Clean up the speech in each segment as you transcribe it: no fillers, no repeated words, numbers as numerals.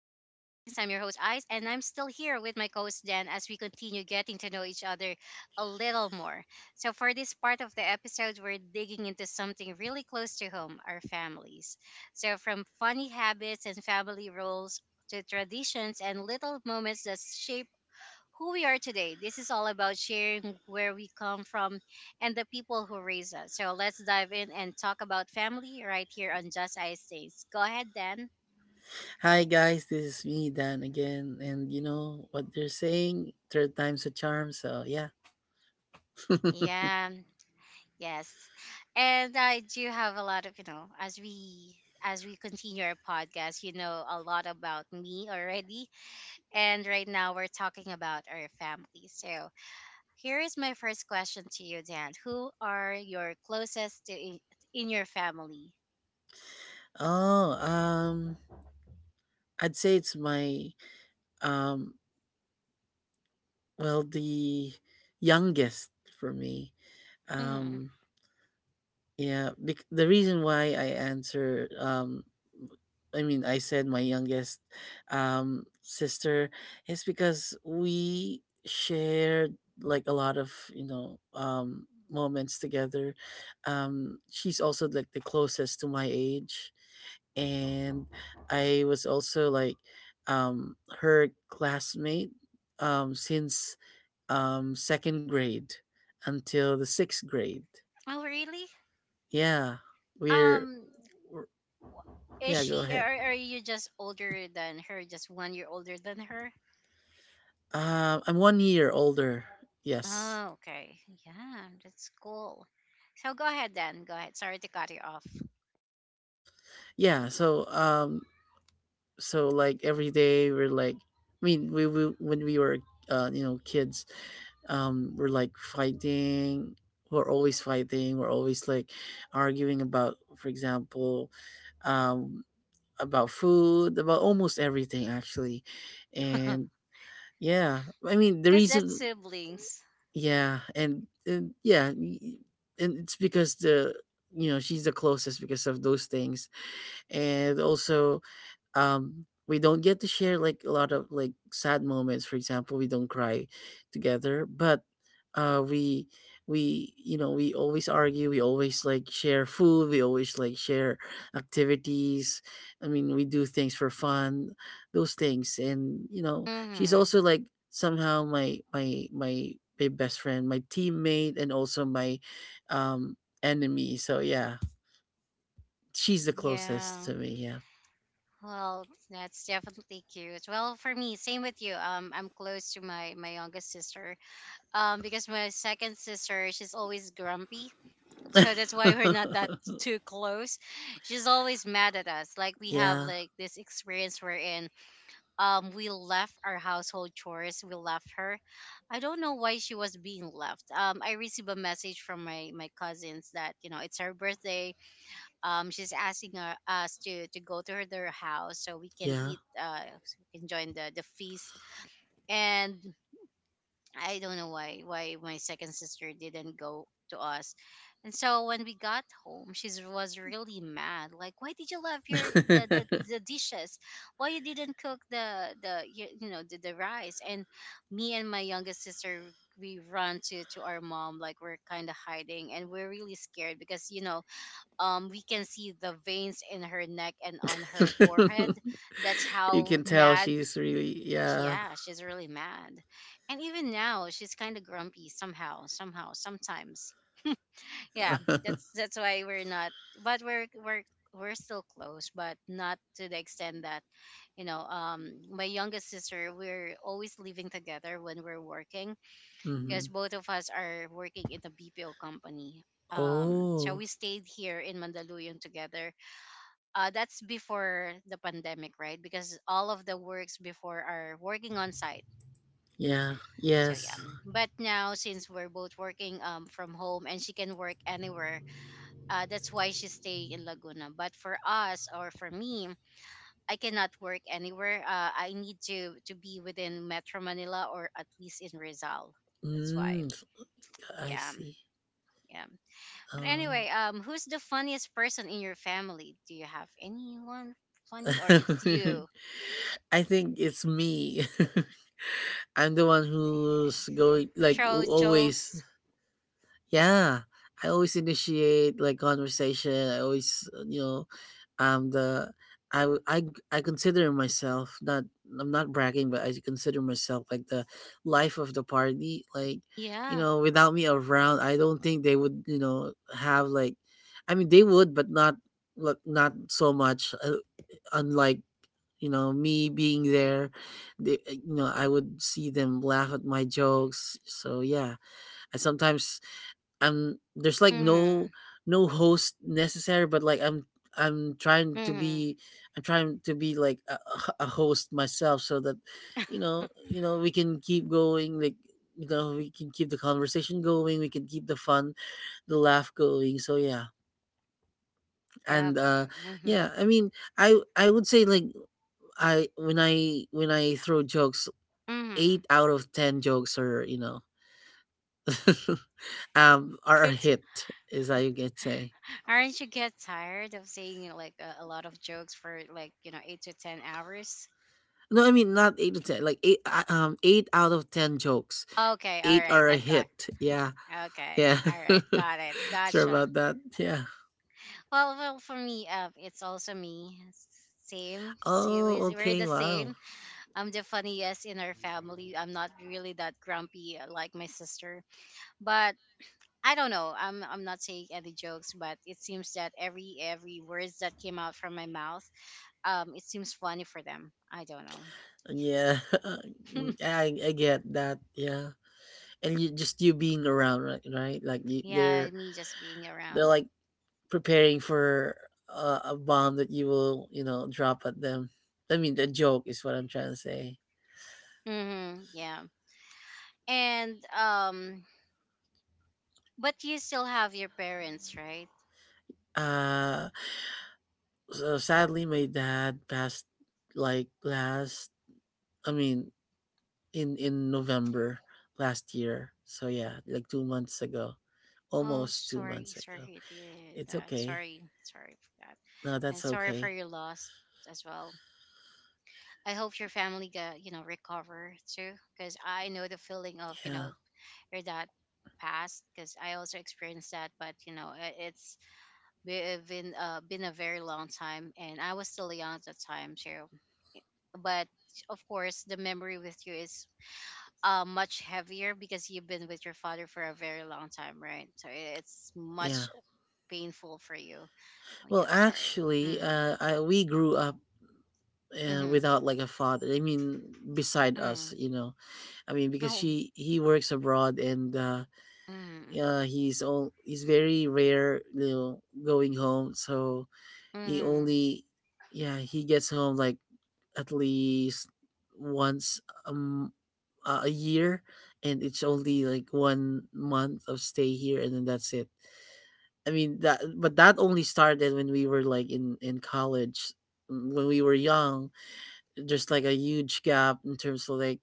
I'm your host, Ice, and I'm still here with my co host, Dan, as we continue getting to know each other a little more. So, for this part of the episode, we're digging into something really close to home our families. So, from funny habits and family roles to traditions and little moments that shape who we are today, this is all about sharing where we come from and the people who raise us. So, let's dive in and talk about family right here on Just Ice Things. Go ahead, Dan. Hi guys, this is me Dan again, and you know what they're saying, third time's a charm. So yeah. Yeah, yes. And I do have a lot of, as we continue our podcast, you know a lot about me already. And right now we're talking about our family. So here is my first question to you, Dan. Who are your closest to in your family? Oh, um, I'd say it's my um, well, the youngest for me. hmm Um, the reason why I answer, I mean, I said my youngest sister is because we shared like a lot of, you know, moments together. She's also like the closest to my age, and I was also like her classmate since second grade until the sixth grade. Oh, really? Yeah, we're Um, we're is yeah, go she or ahead. are you just older than her? Just 1 year older than her? I'm 1 year older. Yes. Oh, okay. Yeah, that's cool. So go ahead then. Go ahead. Sorry to cut you off. Yeah, so, um, so, like, every day we're, like I mean, we when we were, you know, kids, we're, like, fighting. We're always fighting. We're always, like, arguing about, for example, um, about food, about almost everything, actually, and yeah, I mean, the Because that's reason. siblings. Yeah, and yeah, y- y- and it's because, the you know, she's the closest because of those things, and also, we don't get to share like a lot of like sad moments. For example, we don't cry together, but uh we we you know, we always argue, we always like share food, we always like share activities. I mean, we do things for fun, those things. And you know, she's Hmm also like somehow my best friend, my teammate, and also my um enemy. So yeah, she's the closest Yeah. to me. Yeah. Well, that's definitely cute. Well, for me, same with you. I'm close to my youngest sister. Because my second sister, she's always grumpy. So that's why we're not that too close. She's always mad at us. Like we have yeah. like this experience we're in. We left our household chores, we left her. I don't know why she was being left. I received a message from my cousins that, you know, it's her birthday. She's asking us to go to her, their house, so we can Yeah. eat, so we can join the feast. And I don't know why my second sister didn't go to us. And so when we got home, she was really mad. Like, why did you left your the, the, the dishes? Why you didn't cook the you, you know, the rice? And me and my youngest sister, we run to our mom, like we're kind of hiding and we're really scared, because, you know, we can see the veins in her neck and on her forehead. That's you how can tell mad she's really, she, yeah. yeah, she's really mad. And even now, she's kind of grumpy somehow, somehow, sometimes. Yeah, that's why we're not, but we're still close, but not to the extent that, you know, my youngest sister, we're always living together when we're working, hmm. because both of us are working in the BPO company. So Oh, we stayed here in Mandaluyong together. That's before the pandemic, right? Because all of the works before are working on site. yeah. So yeah, Yes. But now since we're both working from home and she can work anywhere, that's why she stay in Laguna. But for us or for me, I cannot work anywhere. I need to be within Metro Manila or at least in Rizal. That's why. Mm, I Yeah, see. yeah. But anyway, Oh. Who's the funniest person in your family? Do you have anyone funny or it's you? I think it's me. I'm the one who's going, like, who Show always. jokes. Yeah, I always initiate like conversation. I always, you know, the I consider myself not, I'm not bragging, but I consider myself like the life of the party. Like, you Yeah. know, without me around, I don't think they would, you know, have like, I mean, they would, but not like, not so much. Unlike, you know, me being there, you know, I would see them laugh at my jokes. So yeah, I sometimes, I'm there's like no Mm-hmm. no host necessary, but like I'm trying to Mm-hmm. be, I'm trying to be like a host myself, so that you know, you know, we can keep going, like, you know, we can keep the conversation going, we can keep the fun, the laugh going. So yeah. Yeah. and uh Mm-hmm. yeah i mean i i would say like, I when I when I throw jokes, Mm-hmm. eight out of ten jokes are, you know, are a It's, hit, is how you can say. aren't you get tired of seeing like a lot of jokes for like, you know, 8 to 10 hours? No, I mean not 8 to 10. Like eight, 8 out of 10 jokes, Okay, all eight right, are a I got. hit. Yeah, Okay, yeah. all right, got it, Sure gotcha. about that. Yeah. Well, well, for me, it's also me. Same, same. Oh, We're okay. the Wow. same. I'm the funniest in our family. I'm not really that grumpy like my sister, but I don't know. I'm not saying any jokes, but it seems that every words that came out from my mouth, it seems funny for them. I don't Yeah, know. I get that. Yeah, and you just you being around, right? Right? Like you, yeah, they're me just being they're around. like preparing for a bomb that you will, you know, drop at them. I mean, the joke is what I'm trying to say. Yeah. And but you still have your parents, right? Uh, so sadly, my dad passed like last, I mean, in November last year. So yeah, like 2 months ago, Oh, almost two sorry, months sorry ago. to hear It's that. okay. Sorry, sorry for that, No, and that's sorry for okay. your loss as well. I hope your family got, you know, recover too, because I know the feeling of, you Yeah, know, your dad passed, because I also experienced that. But you know, it's we've been a very long time, and I was still young at the time too. But of course, the memory with you is much heavier because you've been with your father for a very long time, right? So it's yeah. much painful for you. Oh yeah, Well, I'm sorry. actually, Mm. I, we grew up Mm-hmm. without like a father, I mean, beside us, Mm. you know. I mean, because Oh. she he works abroad and, Mm. He's all, he's very rare, you know, going home. So he Mm-hmm. only, yeah, he gets home like at least once um a year, and it's only like 1 month of stay here, and then that's it. I mean that, but that only started when we were like in college, mm, when we were young. There's like a huge gap in terms of like,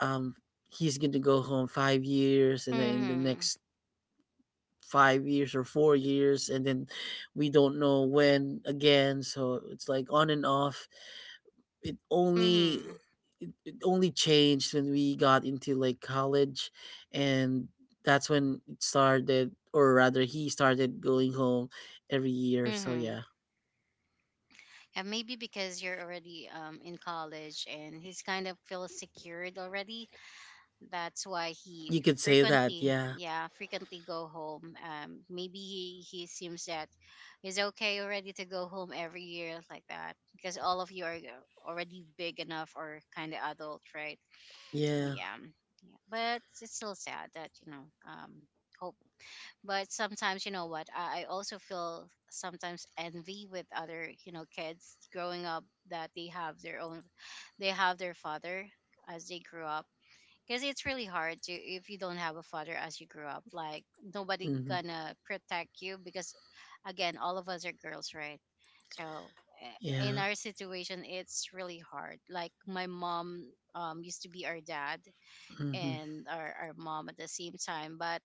um he's going to go home 5 years, and then in the Mm-hmm. next 5 years or 4 years, and then we don't know when again. So it's like on and off. it only Mm-hmm. it only changed when we got into like college, and that's when it started, or rather he started going home every year. So Mm-hmm. yeah. Yeah, maybe because you're already in college and he's kind of feels secured already. That's why You he could say that, frequently, yeah. yeah, frequently go home. Maybe he seems that he's okay already to go home every year like that because all of you are already big enough or kind of adult, right? Oh Yeah. yeah, yeah. But it's still sad that, you know. Hope, but sometimes, you know what? I also feel sometimes envy with other, you know, kids growing up that they have their father as they grew up, because it's really hard to if you don't have a father as you grew up, like nobody Hmm. gonna protect you, because again, all of us are girls, right? So eh, in Yeah. our situation it's really hard. Like my mom used to be our dad Hmm. and our mom at the same time, but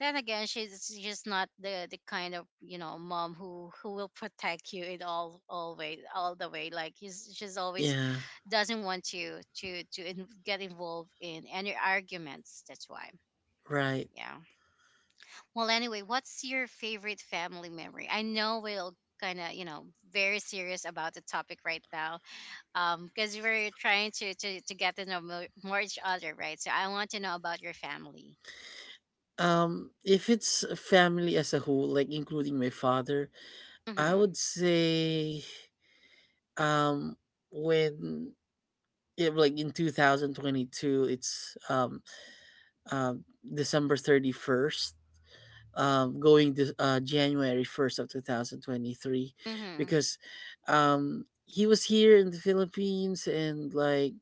then again, she's just not the kind of, you know, mom who will protect you in all way all the way. Like she's always Yeah. doesn't want to get involved in any arguments. That's why. Right. Yeah. Well, anyway, what's your favorite family memory? I know we'll kind of, you know, very serious about the topic right now, because we're trying to get to know more each other, right? So I want to know about your family. If it's a family as a whole, like including my father, I Mm-hmm. would say um when it, like in 2022, it's um, December 31st, going to January 1st of 2023, Mm-hmm. because he was here in the Philippines, and like,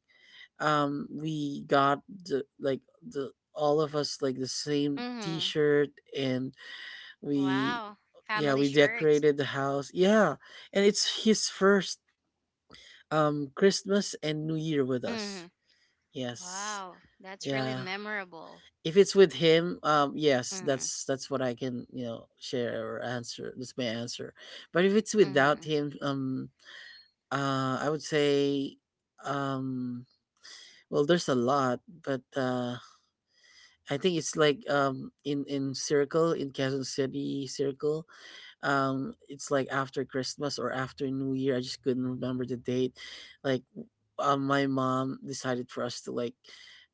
we got the, like, the all of us like the same Mm-hmm. T-shirt, and we, Wow, yeah, family we shirts. decorated the house. Yeah. And it's his first Christmas and New Year with Mm-hmm. us. Yes. Wow, that's really Yeah. memorable. If it's with him, yes, Mm-hmm. that's what I can, you know, share or answer. That's my answer. But if it's without Mm-hmm. him, I would say um well, there's a lot, but I think it's like, in circle, in Quezon City circle. It's like after Christmas or after New Year, I just couldn't remember the date. like w- my mom decided for us to like,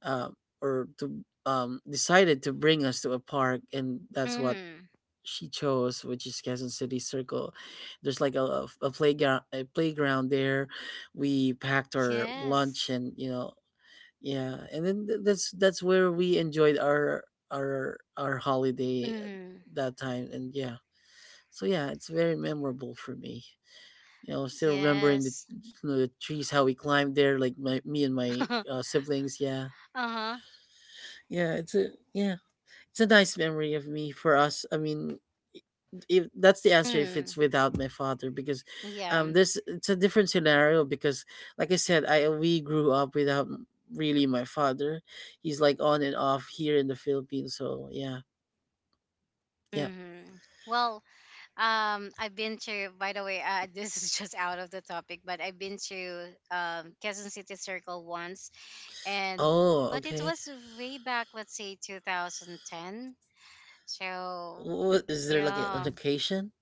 uh, or to decided to bring us to a park, and that's what Mm-hmm. she chose, which is Quezon City Circle. There's like a playground, a playground there. We packed our Yes. lunch, and you know, yeah, and then that's where we enjoyed our holiday at Mm-hmm. that time. And yeah, so yeah, it's very memorable for me. You know, still remembering, the Yes. you know, the trees, how we climbed there, like my, me and my siblings. Yeah, uh-huh. yeah, it's a, yeah, it's a nice memory of me for us. I mean, if that's the answer, if Mm. it's without my father, because Yeah. This, it's a different scenario because like I said, I we grew up without really my father. He's like on and off here in the Philippines. So yeah. Yeah. Mm-hmm. Well, I've been to. By the way, this is just out of the topic, but I've been to Quezon City Circle once, and Oh, but it okay. was way back, let's say 2010. So What is there, like, an yeah, occasion?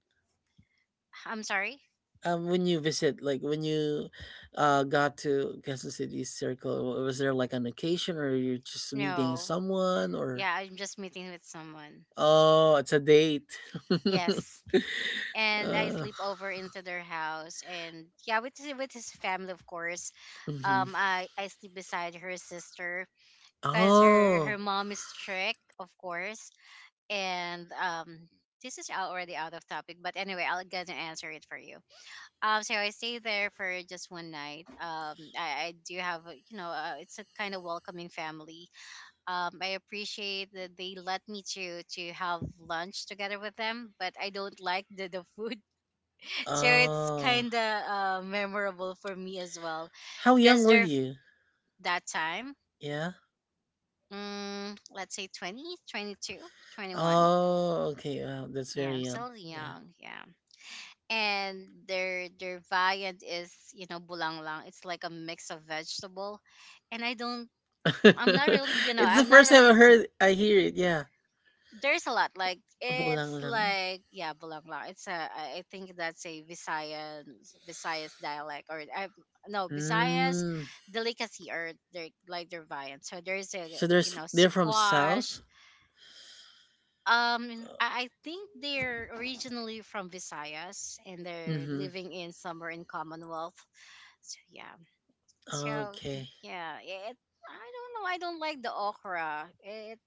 I'm sorry. When you visit, like when you got to Quezon City Circle, was there like an occasion, or you're just meeting No, someone, or, yeah, I'm just meeting with someone. oh, it's a date? Yes. And I uh, sleep over into their house, and yeah, with with his family, of course. mhm. I sleep beside her sister, because her Oh, mom is strict, of course. And this is already out of topic, but anyway, I'll gonna answer it for you. So I stay there for just one night. I do have you know, it's a kind of welcoming family. I appreciate that they let me to have lunch together with them, but I don't like the food, so it's oh, kind of memorable for me as well. how young Because were there you? that time, Yeah. Let's say 20, 22, 21. Oh, okay. Wow, that's Yeah, very I'm young. still Yeah. young. Yeah. And their viand is, you know, bulanglang. It's like a mix of vegetable. And I'm not really, you know, it's the I'm not first time really I heard, I hear it. Yeah. there's a lot. Like Bulang it's lang. like, yeah, bulanglang. It's a I think that's a visayan Visayas dialect, or I no Visayas Mm. delicacy, or their like their viand. So there's a, So you there's, know, they're from squash. South. Um, Uh, I think they're originally from Visayas, and they're Mm-hmm. living in somewhere in Commonwealth. So yeah. So Okay. yeah, it I don't know. I don't like the okra. It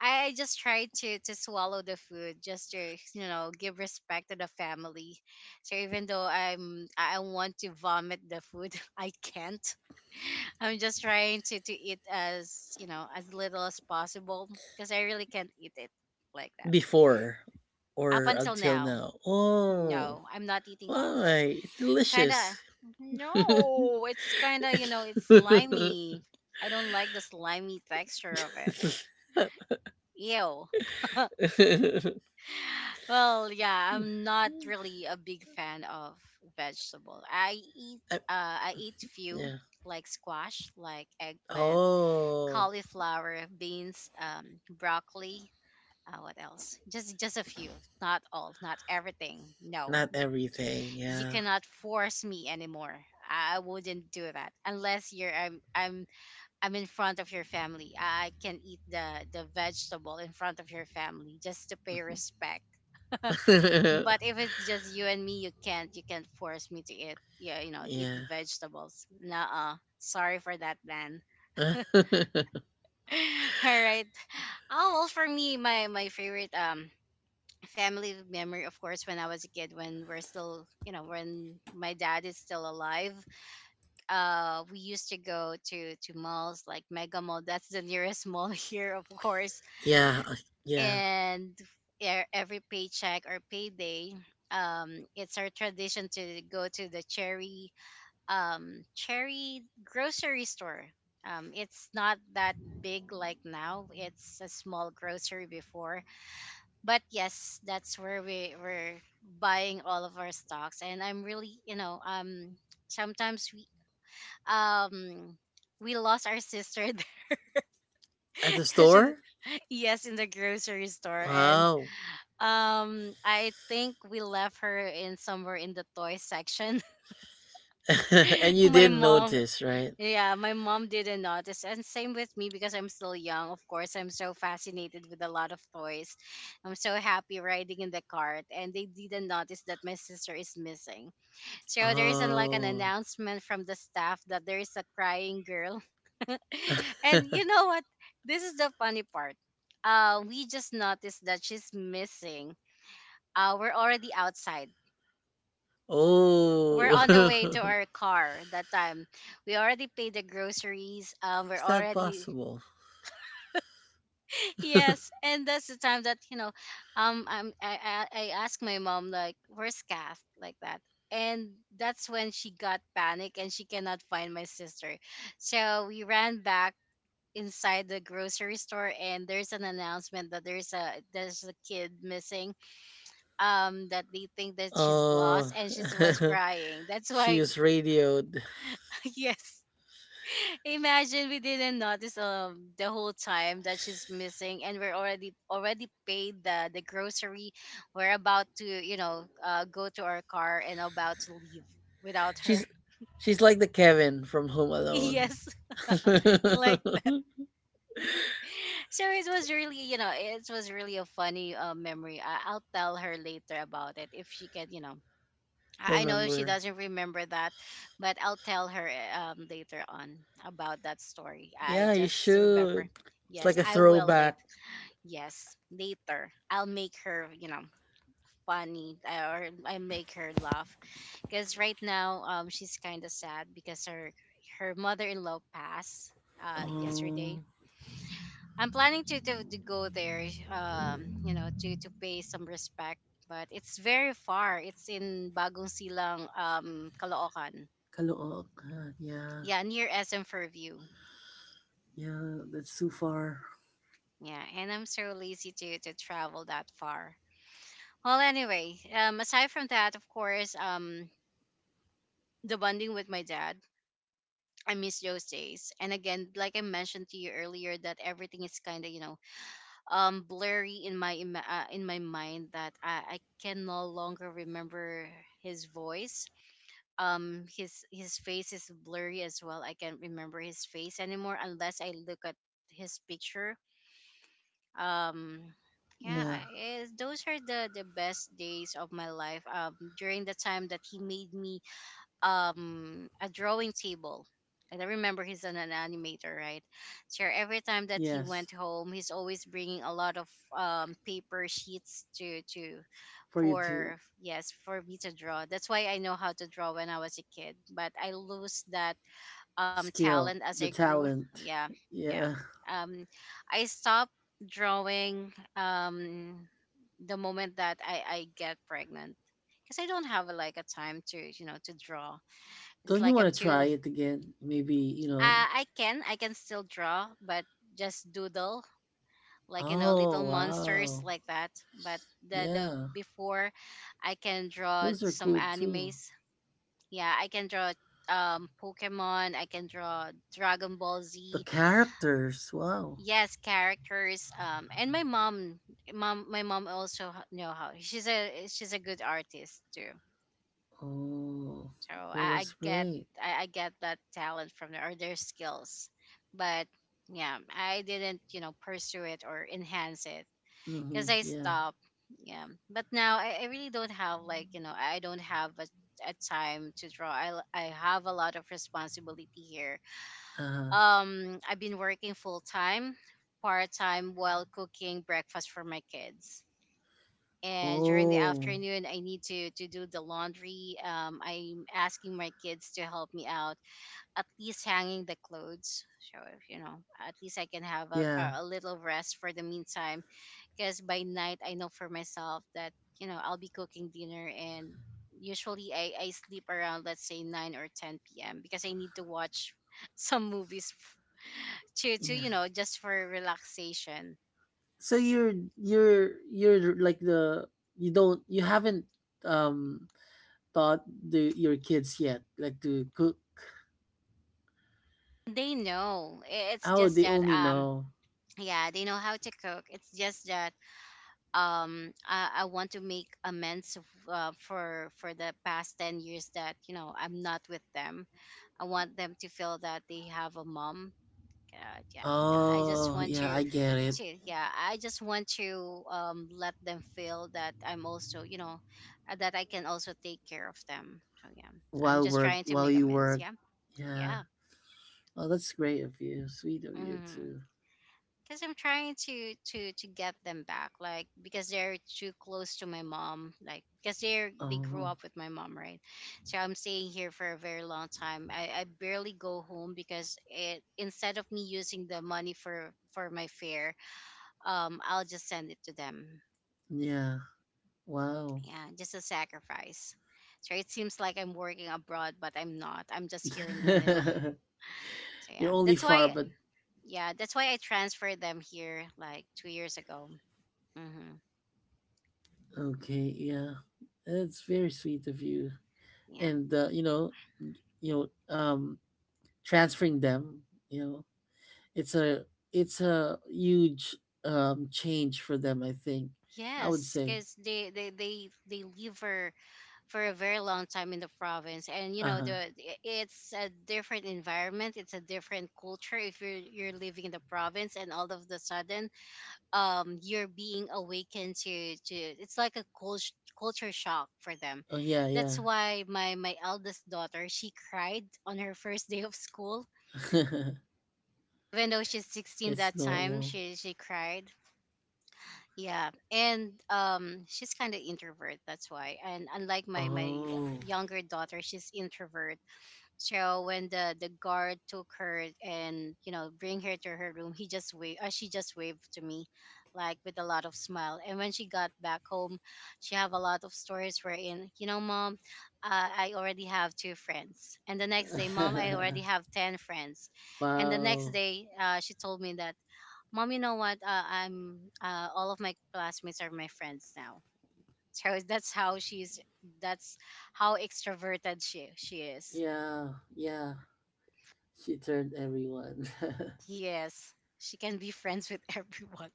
I just try to swallow the food, just to, you know, give respect to the family. So even though I want to vomit the food, I can't. I'm just trying to eat as, you know, as little as possible, because I really can't eat it like that. Before Up or until until now, now? Oh, no, I'm not eating okra. why? It's delicious. Kinda No, it's kinda, you know, it's slimy. I don't like the slimy texture of it. Ew. Well, yeah, I'm not really a big fan of vegetable. Uh, I eat few, yeah. like squash, like eggplant, Oh, cauliflower, beans, broccoli, what else? Just a few, not all, not everything. No. not everything. You Yeah. cannot force me anymore. I wouldn't do that unless you're I'm in front of your family. I can eat the vegetable in front of your family just to pay respect, but if it's just you and me, you can't force me to eat, yeah, you know, yeah. eat yeah. vegetables. Nuh. Sorry for that man. uh, All right. Oh well, for me, my favorite family memory, of course, when I was a kid, when we're still, you know, when my dad is still alive. Uh, we used to go to malls like Mega Mall. That's the nearest mall here, of course. Yeah. and every paycheck or payday, it's our tradition to go to the Cherry, Cherry grocery store. It's not that big like now. It's a small grocery before, but yes, that's where we were buying all of our stocks. And I'm really, you know, sometimes um we lost our sister there. At the 'Cause she store? Yes, in the grocery store. And Wow. um, I think we left her in somewhere in the toy section. and you my didn't mom, notice, right? yeah, my mom didn't notice, and same with me because I'm still young. Of course, I'm so fascinated with a lot of toys. I'm so happy riding in the cart, and they didn't notice that my sister is missing. So there is an, like an Oh. announcement from the staff that there is a crying girl. And you know what? This is the funny part. We just noticed that she's missing. We're already outside. We're oh. on the way to our car that time. We already paid the groceries. How is We're that already possible? Yes, and that's the time that, you know, I'm, I asked my mom like, "Where's Kath?" like that. And that's when she got panic and she cannot find my sister. So we ran back inside the grocery store, and there's an announcement that there's a kid missing, um, that they think that she's lost Oh, and she was crying, that's she why. is radioed. Yes. Imagine we didn't notice, um, the whole time that she's missing, and we're already paid the grocery. We're about to, you know, go to our car and about to leave without her. She's she's like the Kevin from Home Alone. Yes, like that. So it was really, you know, it was really a funny memory. I'll tell her later about it if she can, you know. I know she Remember? doesn't remember that, but I'll tell her, later on, about that story. I Yeah, you just remember. should. It's Yes, like a I will throwback. later. Yes, later. I'll make her, you know, funny, or I make her laugh. Because right now, she's kind of sad because her mother-in-law passed yesterday. Oh, I'm planning to go there, you know, to pay some respect, but it's very far. It's in Bagong Silang, Caloocan. Kaluok. God, yeah, Yeah, near SM Fairview. yeah, that's too far. Yeah, and I'm so lazy to travel that far. Well, anyway, aside from that, of course, the bonding with my dad. I miss those days. And again, like I mentioned to you earlier, that everything is kind of, you know, um, blurry in in my mind that I can no longer remember his voice. His face is blurry as well. I can't remember his face anymore unless I look at his picture. Um, yeah, Yeah, it, those are the best days of my life. During the time that he made me a drawing table. And I remember he's an animator, right? So every time that he yes, went home, he's always bringing a lot of paper sheets to for you to for yes, for me to draw. That's why I know how to draw when I was a kid, but I lose that talent skill as I the grew. talent. Yeah. Yeah. Yeah, um I stopped drawing um the moment that I get pregnant, because I don't have like a time to, you know, to draw. It's don't you like want I'm to too. try it again? Maybe you know. I can still draw, but just doodle, like, you know, little Oh monsters wow, like that. But the the yeah, before, I can draw those are some cool too. animes. Yeah, I can draw Pokemon. I can draw Dragon Ball The Z. characters, wow. Yes, characters. And my mom also know how. She's a good artist too. Oh, So well, I that's get great. I get that talent from there, or their skills. But yeah, I didn't, you know, pursue it or enhance it Mm-hmm. because I Yeah. stopped. Yeah, but now I really don't have like, you know, I don't have a time to draw. I have a lot of responsibility here. Uh-huh. I've been working full time, part time, while cooking breakfast for my kids. And during the Oh, afternoon, I need to do the laundry. Um, I'm asking my kids to help me out, at least hanging the clothes, so, if you know, at least I can have yeah, a little rest for the meantime. Because by night, I know for myself that, you know, I'll be cooking dinner. And usually I sleep around, let's say, 9 or 10 p.m., because I need to watch some movies f- to yeah. you know, just for relaxation. So you're like the, you don't, you haven't um taught the, your kids yet like to cook. They know. It's Oh, just they that only um, know. yeah, they know how to cook. It's just that um, I want to make amends for the past 10 years that, you know, I'm not with them. I want them to feel that they have a mom. Yeah, I just Oh, want yeah, I get it. to yeah, I just want to, um, let them feel that I'm also, you know, that I can also take care of them. So yeah, I'm While just work, trying to while make you amends. work, Yeah. yeah. Yeah. Well, that's great of you. Sweet of you Hmm. too. Because I'm trying to get them back, like, because they're too close to my mom, like, because they grew Oh, up with my mom, right? So I'm staying here for a very long time. I barely go home because it, instead of me using the money for my fare, I'll just send it to them. yeah. Wow. Yeah, just a sacrifice. So it seems like I'm working abroad, but I'm not. I'm just here in Manila. So You're yeah, only that's far, why. but Yeah, that's why I transferred them here like 2 years ago. Mm-hmm. okay, yeah, it's very sweet of you. Yeah. And you know, um, transferring them, you know, it's a, it's a huge change for them. I think I would Yes, say, because they live for a very long time in the province. And, you uh know, huh. It's a different environment, it's a different culture if you're living in the province. And all of the sudden, you're being awakened to it's like a culture shock for them. Oh yeah, That's yeah. why my my eldest daughter, she cried on her first day of school, even though she's 16 it's that time, normal. She cried. Yeah. And she's kind of introvert, that's why. And unlike my my Oh, younger daughter, she's introvert. So when the guard took her and, you know, bring her to her room, he just waved. She just waved to me, like, with a lot of smile. And when she got back home, she have a lot of stories wherein, you know, "Mom, I already have 2 friends." And the next day, "Mom, I already have 10 friends." And the next wow. day, she told me that, "Mom, you know what? I'm all of my classmates are my friends now." So that's how she's. That's how extroverted she is. Yeah, yeah. She turned everyone. Yes, she can be friends with everyone.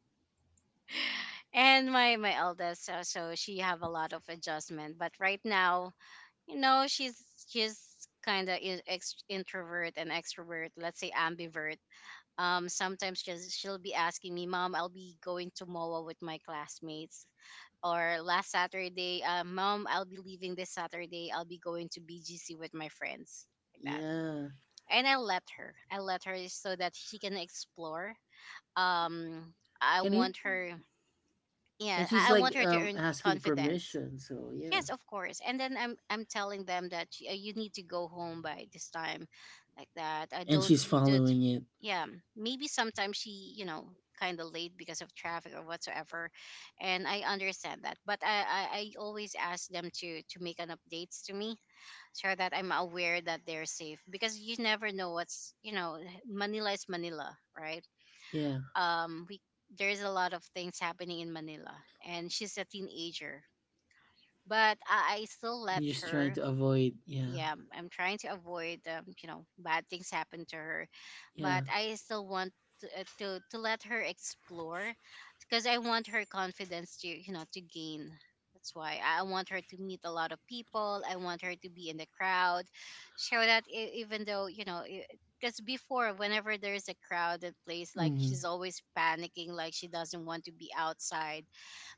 And my eldest, so she have a lot of adjustment. But right now, you know, she's she's kind of introvert and extrovert. Let's say ambivert. Sometimes she'll be asking me, "Mom, I'll be going to MOA with my classmates," or last Saturday, "uh, Mom, I'll be leaving this Saturday. I'll be going to BGC with my friends," like that. yeah, And I let her. I let her so that she can explore. Um, I and it. want her. And Yeah, she's I like want her to earn asking confidence. permission, so yeah. Yes, of course. And then I'm telling them that, you need to go home by this time, like that. I And don't she's be did. following it. Yeah, maybe sometimes she, you know, kind of late because of traffic or whatsoever, and I understand that. But I always ask them to make an updates to me so that I'm aware that they're safe, because you never know what's, you know, Manila is Manila, right? Yeah. We there's a lot of things happening in Manila, and she's a teenager, but I still And let just trying her. to avoid, yeah. Yeah, I'm trying to avoid, you know, bad things happen to her, but Yeah. I still want to let her explore, because I want her confidence to, you know, to gain. That's why I want her to meet a lot of people. I want her to be in the crowd, show that even though, you know. Because before, whenever there's a crowded place, like Hmm. she's always panicking, like she doesn't want to be outside.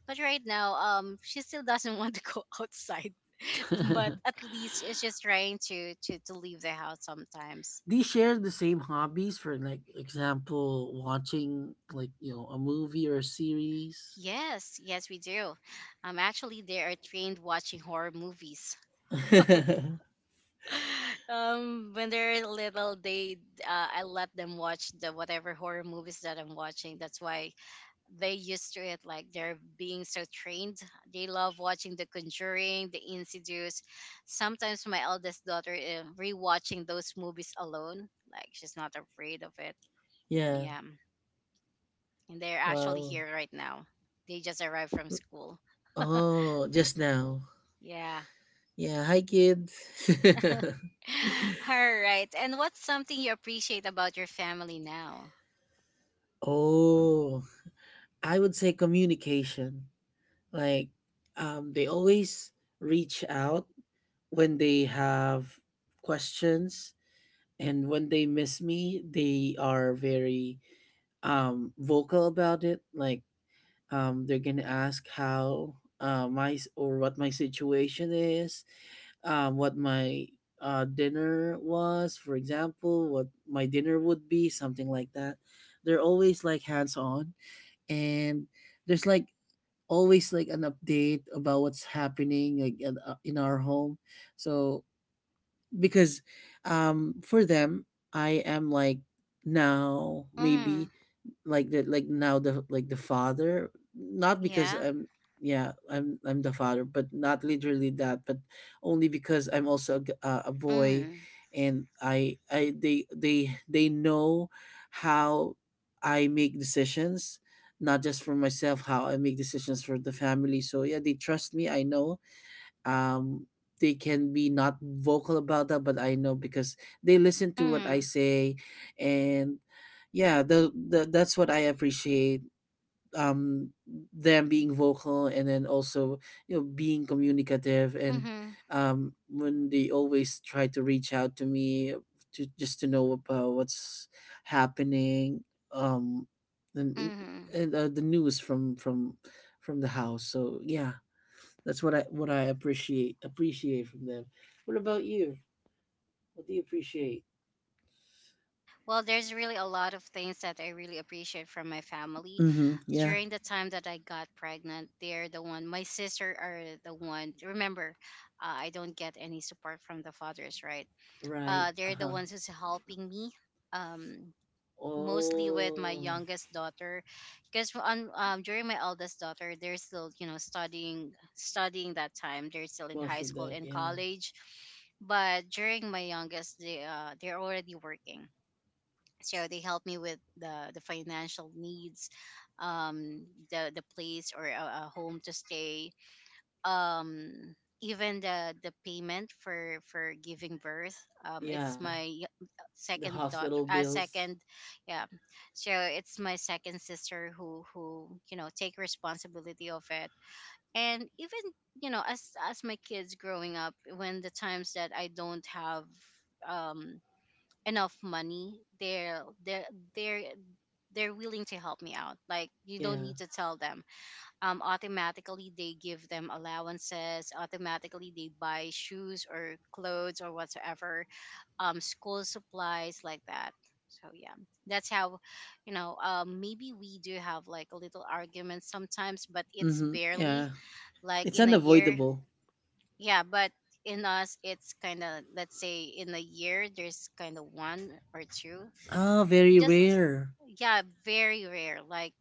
But right now, she still doesn't want to go outside. But at least it's just trying to leave the house sometimes. Do you share the same hobbies for, like, example watching, like, you know, a movie or a series? Yes, yes, we do. Actually, they are trained watching horror movies. Um, when they're little, they I let them watch the whatever horror movies that I'm watching. That's why they used to it like they're being so trained. They love watching The Conjuring, The Insidious. Sometimes my eldest daughter rewatching those movies alone like she's not afraid of it. Oh, Yeah. yeah, and they're actually Wow. here right now. They just arrived from school. Oh, just now. Yeah. Yeah, hi kids. All right, and what's something you appreciate about your family now? oh, I would say communication. Like they always reach out when they have questions, and when they miss me they are very vocal about it. They're gonna ask how my s- or what my situation is, what my dinner was. For example, what my dinner would be, something like that. They're always like hands on, and there's like always like an update about what's happening, like in our home. So because for them I am like, now mm, maybe, like the like now the like the father. Not because yeah. I'm yeah I'm the father, but not literally that. But only because I'm also a, a boy. mm, And I they know how I make decisions, not just for myself. How I make decisions for the family. So yeah, they trust me, I know. um they can be not vocal about that, but I know, because they listen to what I mm, say. And yeah, the that's what I appreciate. um Them being vocal and then also, you know, being communicative, and mm-hmm. When they always try to reach out to me to just to know about what's happening. um and Mm-hmm. and the news from from the house. So yeah, that's what I appreciate from them. What about you? What do you appreciate? Well, there's really a lot of things that I really appreciate from my family. Mm-hmm. Yeah. During the time that I got pregnant, they're the one, my sister are the one. Remember, I don't get any support from the fathers, right? Right. They're the Uh-huh. ones who's helping me, um, mostly with my Oh, youngest daughter, because on during my eldest daughter, they're still you know studying that time. They're still in most high of school them. and Yeah. college, but during my youngest, they they're already working, so they help me with the financial needs, um, the place or a home to stay, um, even the payment for giving birth. Um, Yeah. The second hospital daughter. Bills. Second, yeah. So it's my second sister who you know take responsibility of it. And even you know, as my kids growing up, when the times that I don't have, um, enough money, they're they're they're willing to help me out, like you don't Yeah. need to tell them. Um, automatically they give them allowances, automatically they buy shoes or clothes or whatsoever, um, school supplies like that. So yeah, that's how, you know, um, maybe we do have like a little argument sometimes, but it's Mm-hmm. barely, Yeah. like, It's in a year. unavoidable. Yeah, but in us it's kind of, let's say in a year there's kind of one or two, Oh, very just, rare. yeah, very rare, like,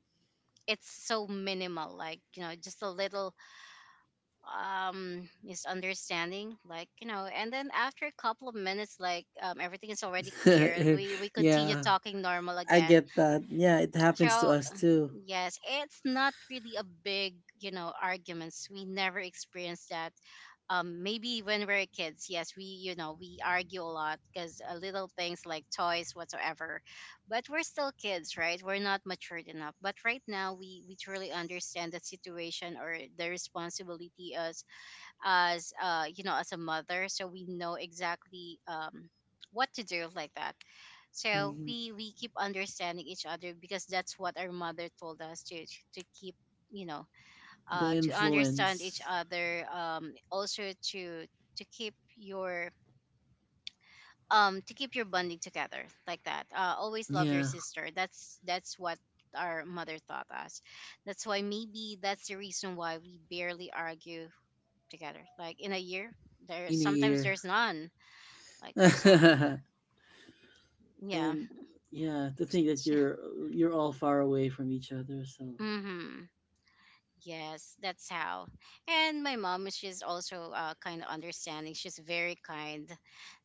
it's so minimal, like you know, just a little, um, misunderstanding, like you know, and then after a couple of minutes, like everything is already clear. We continue Yeah. talking normal I again. get that. Yeah, it happens to So us too. yes, it's not really a big you know arguments, we never experienced that. Um, maybe when we're kids, yes, we you know we argue a lot because little things like toys whatsoever. But we're still kids, right? We're not matured enough, but right now we truly understand the situation or the responsibility as you know as a mother, so we know exactly, um, what to do like that. So Mhm. we keep understanding each other because that's what our mother told us to keep, you know, The to understand each influence. other, also to to keep your, um, to keep your bonding together like that, always love your Yeah. sister. That's what our mother taught us. That's why maybe that's the reason why we barely argue together, like, in a year, there, In a sometimes year. there's none, like there's none. Yeah. And yeah, to think that you're all far away from each other. So Mm-hmm. Yes, that's how. And my mom, is she's also kind of understanding. She's very kind.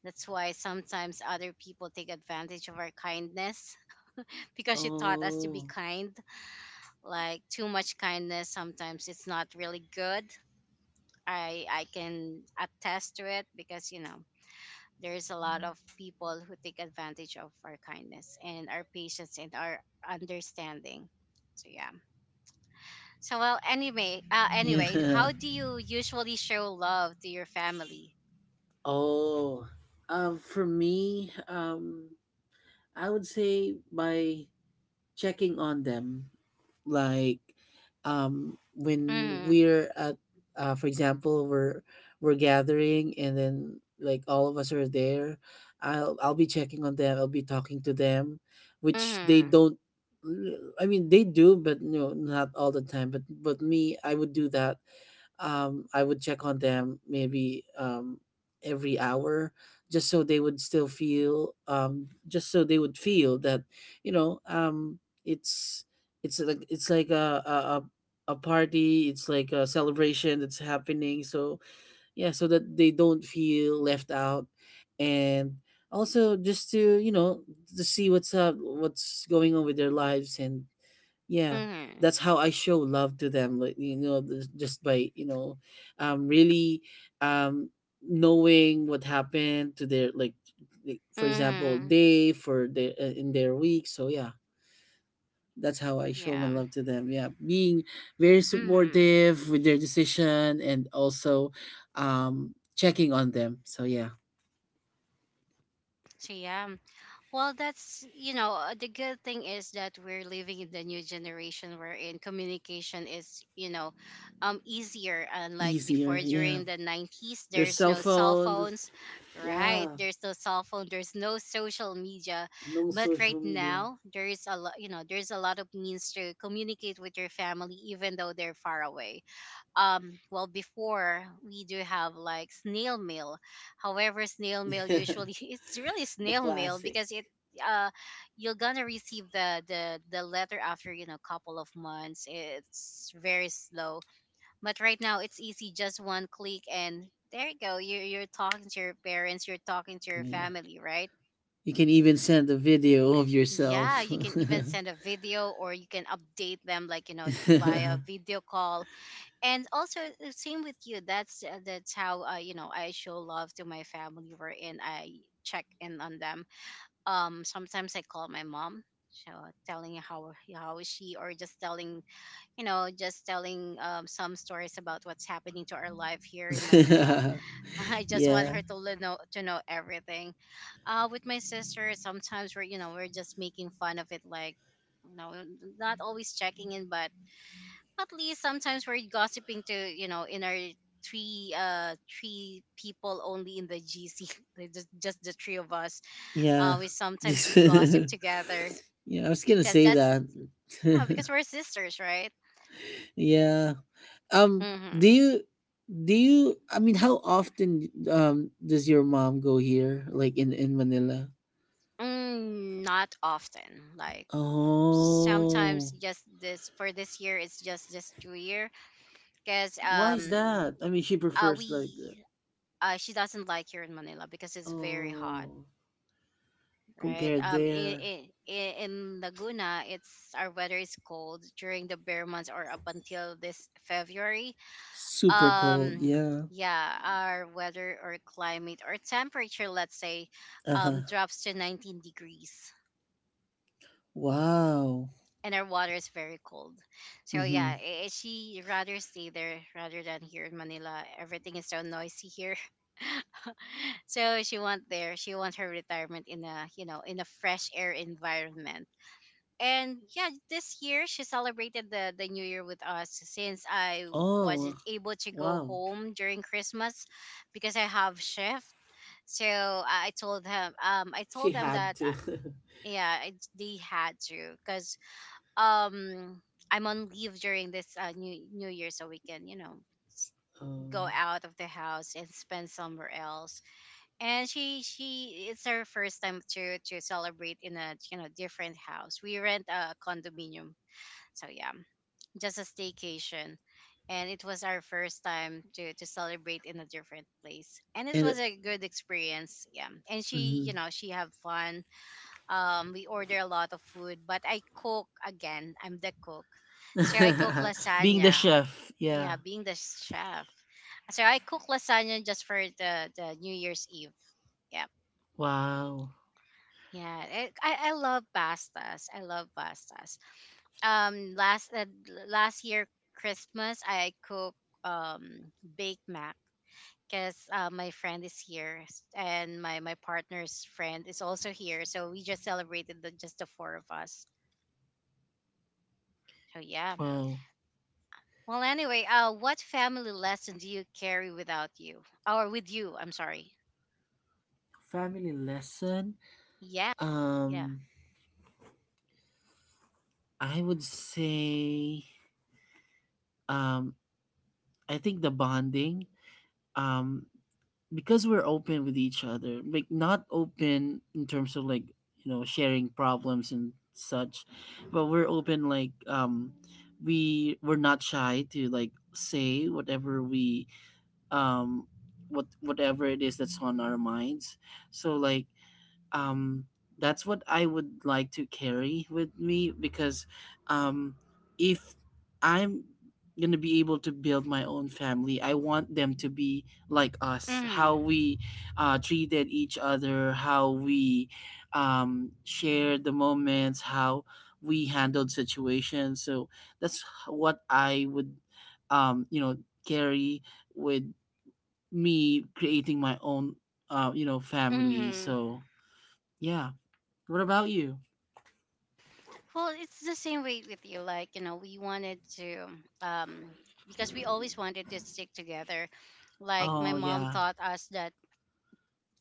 That's why sometimes other people take advantage of our kindness. Because she taught us to be oh kind. Like, too much kindness, sometimes it's not really good. I can attest to it because you know there's a lot of people who take advantage of our kindness and our patience and our understanding. So yeah. So well, anyway, yeah. how do you usually show love to your family? Oh, for me, I would say my checking on them. like when Mhm. we're at, for example, we're gathering and then like all of us are there, I'll be checking on them, I'll be talking to them, which they Mhm. don't. I mean, they do, but no, not all the time. But me, I would do that. I would check on them maybe every hour, just so they would still feel, just so they would feel that, you know, um, it's, it's like a a party. It's like a celebration that's happening. So yeah, so that they don't feel left out, and also just to, you know, to see what's up, what's going on with their lives. And yeah, Mhm. that's how I show love to them. Like, you know, just by, you know, um, really, um, knowing what happened to their, like for example, Mhm. day for their, in their week. So yeah, that's how I show my Yeah. love to them. Yeah, being very Mhm. supportive with their decision, and also, checking on them. So yeah, So yeah. Well, that's, you know, the good thing is that we're living in the new generation wherein communication is, you know, easier. Unlike easier. before Yeah, during the 90s, their there's cell no cell phones. phones, right? Yeah, There's no cell phone, there's no social media. no But social right media. now, there's a lot, you know, there's a lot of means to communicate with your family, even though they're far away. Um, well, before we do have like snail mail. However, snail mail The usually it's really snail mail classic. because it, uh you're gonna receive the letter after you know couple of months. It's very slow. But right now it's easy, just one click and there you go, you're talking to your parents, you're talking to your Yeah. family, right? You can even send a video of Yeah, yourself. you can even send a video or you can update them, like you know, via video call. And also the same with you. That's that's how, you know, I show love to my family wherein I check in on them. Um, sometimes I call my mom, so telling how is she, or just telling you know, just telling, some stories about what's happening to our life here in Manila. Yeah, I just want yeah. her to le- know to know everything. Uh, with my sister, sometimes we're you know we're just making fun of it, like you know, not always checking in, but at least sometimes we're gossiping to you know in our three people only in the GC. Just the three of us. Uh, we sometimes we gossip together. Yeah, I was gonna Because say that's, that. yeah, because we're sisters, right? Yeah. Um. Do Mm-hmm. you? Do you? I mean, how often does your mom go here, like in Manila? Mm, not often, like, sometimes Oh, just this, for this year it's just this 2 year, because why is that? I mean, she prefers like the- we she doesn't like here in Manila because it's very hot, oh, right? compared there, In Laguna, it's our weather is cold during the bear months or up until this February. super cold. Um, Yeah. yeah, our weather or climate or temperature, let's say, Uh huh. Drops to 19 degrees. Wow. And our water is very cold, so Hmm. yeah, she rather stay there rather than here in Manila. Everything is so noisy here. So she wants her retirement in a, you know, in a fresh air environment. And yeah, this year she celebrated the new year with us since I Oh, wasn't able to go wow. home during Christmas because I have shift. So I told them, I She told them had that, to. Yeah, they had to, because, um, I'm on leave during this new year, so we can you know s- go Um, out of the house and spend somewhere else. And she, it's her first time to celebrate in a, you know, different house. We rent a condominium, so yeah, just a staycation. And it was our first time to celebrate in a different place. And it and was a good experience. Yeah. And she, you mhm. know, she have fun. We order a lot of food, but I cook again. I'm the cook. So I cook Being the lasagna. chef, yeah. Yeah, being the chef. So I cook lasagna just for the New Year's Eve. Yeah. Wow. Yeah, I, I love pastas. I love pastas. um last uh, Last year Christmas I cook, um, baked mac because, my friend is here, and my partner's friend is also here, so we just celebrated just the four of us. So yeah, Wow. well anyway, what family lesson do you carry without you, or with you, I'm sorry. Family lesson. Yeah. Um Yeah. I would say, um I think the bonding. Um because we're open with each other, like not open in terms of like, you know, sharing problems and such, but we're open like, we're not shy to like say whatever we, um whatever it is that's on our minds. So like, um that's what I would like to carry with me, because um if I'm going to be able to build my own family, I want them to be like us, how Mm-hmm. we treated each other, how we shared the moments, how we handled situations. So that's what I would, um you know carry with me, creating my own, family. Mm-hmm. So yeah. What about you? Well, it's the same way with you. Like, you know, we wanted to, um, because we always wanted to stick together. Like, my Oh, mom yeah, taught us that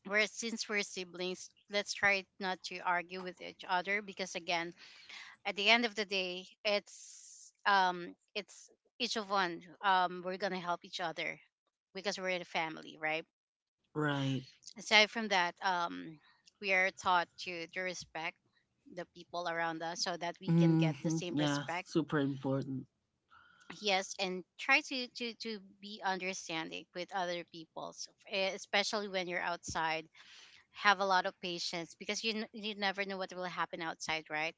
we're, since we're siblings, let's try not to argue with each other because, again, at the end of the day, it's each of one. We're going to help each other because we're a family, right? right. Aside from that, we are taught to respect the people around us so that we can get the Hmm. same Yeah, respect. super important. Yes, and try to be understanding with other people, so, eh, especially when you're outside, have a lot of patience because you never know what will happen outside, right?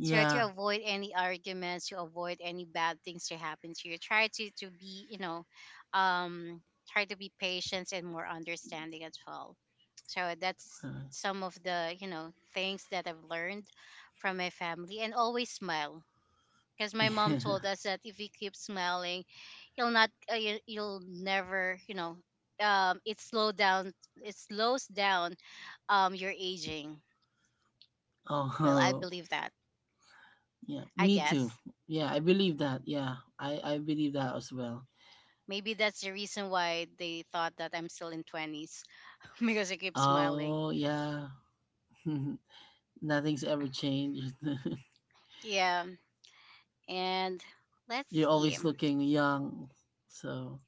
So to avoid any arguments, to avoid any bad things to happen to you, try to be, you know, um, try to be patient and more understanding as well. So that's uh, some of the you know things that I've learned from my family. And always smile, because my mom Yeah. told us that if you keep smiling, you'll never, you know, um, it slow down, it slows down, um, your aging. Well, I Oh, believe that, yeah. I Me too. guess. Yeah, I believe that. Yeah, I believe that as well. Maybe that's the reason why they thought that I'm still in 20s. Because I keep smiling. Oh, yeah. Nothing's ever changed. Yeah. And let's You're see. always looking young. So,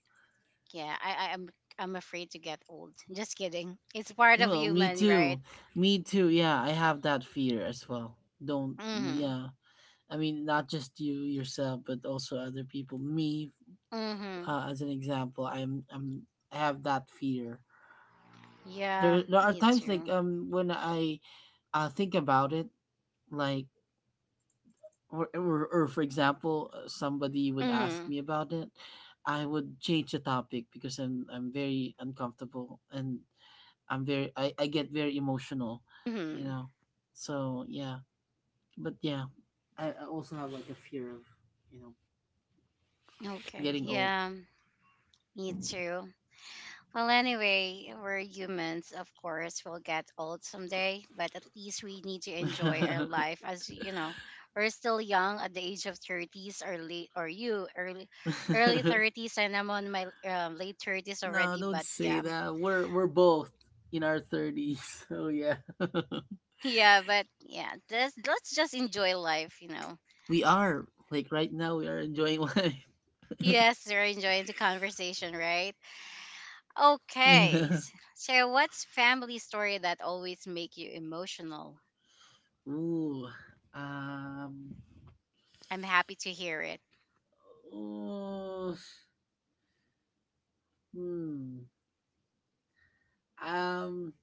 Yeah, I'm I'm afraid to get old, just kidding, it's part of well, me human, right? too. Me too. Yeah, I have that fear as well. Don't. Mm-hmm. Yeah. I mean, not just you yourself, but also other people. Me, Mm-hmm. As an example, I'm, I have that fear. Yeah, There are me times like too. When I, think about it. Like, or, for example, somebody would ask Mm-hmm. me about it. I would change the topic because I'm very uncomfortable, and I'm very, I get very emotional, you Mm-hmm. know. So yeah, but yeah, I also have like a fear of, you know, Okay, getting old. yeah, me too. Well, anyway, we're humans, of course, we'll get old someday, but at least we need to enjoy our life as you know, we're still young at the age of 30s or late, or you early 30s, and I'm on my, late 30s No, already, don't but say yeah. that. We're both in our thirties, so yeah. Yeah, but yeah, just, let's just enjoy life, you know. We are, like, right now we are enjoying life. Yes, they're enjoying the conversation, right? Okay, Yeah. So what's family story that always make you emotional? Ooh. Um. I'm happy to hear it. Oh. Hmm. Um.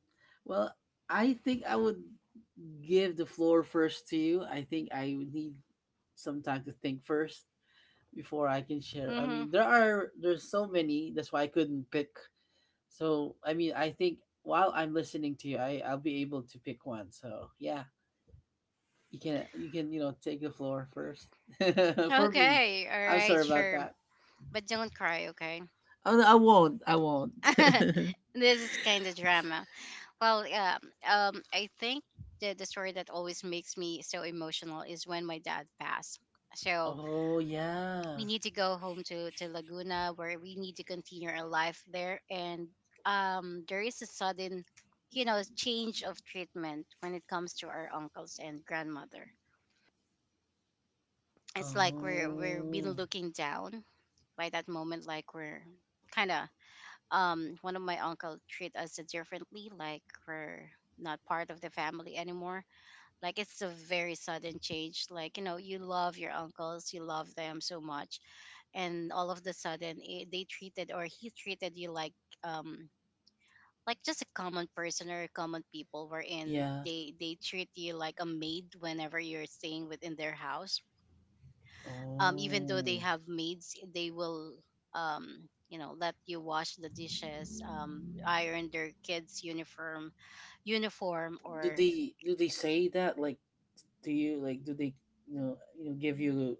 Well, I think I would give the floor first to you. I think I would need some time to think first before I can share. I Mhm. mean, there's so many. That's why I couldn't pick. So I mean, I think while I'm listening to you, I'll be able to pick one. So yeah, you can, you know, take the floor first. For me. Okay. All I'm right. sorry about Sure. that. But don't cry. Okay. Oh no, I won't. I won't. This is kind of drama. Well, yeah. I think the story that always makes me so emotional is when my dad passed. So Oh we yeah. need to go home to Laguna, where we need to continue our life there, and there is a sudden change of treatment when it comes to our uncles and grandmother. It's like we're being Oh looking down by that moment, like we're kind of one of my uncle treat us differently, like we're not part of the family anymore. Like it's a very sudden change. Like, you know, you love your uncles, you love them so much, and all of the sudden, they treated, or he treated you like um just a common person or common people, wherein yeah. they treat you like a maid whenever you're staying within their house. Even though they Oh. have maids, they will let you wash the dishes, iron their kids' uniform, Do or they do they say that, like, do you like, do they, you know, you know, give you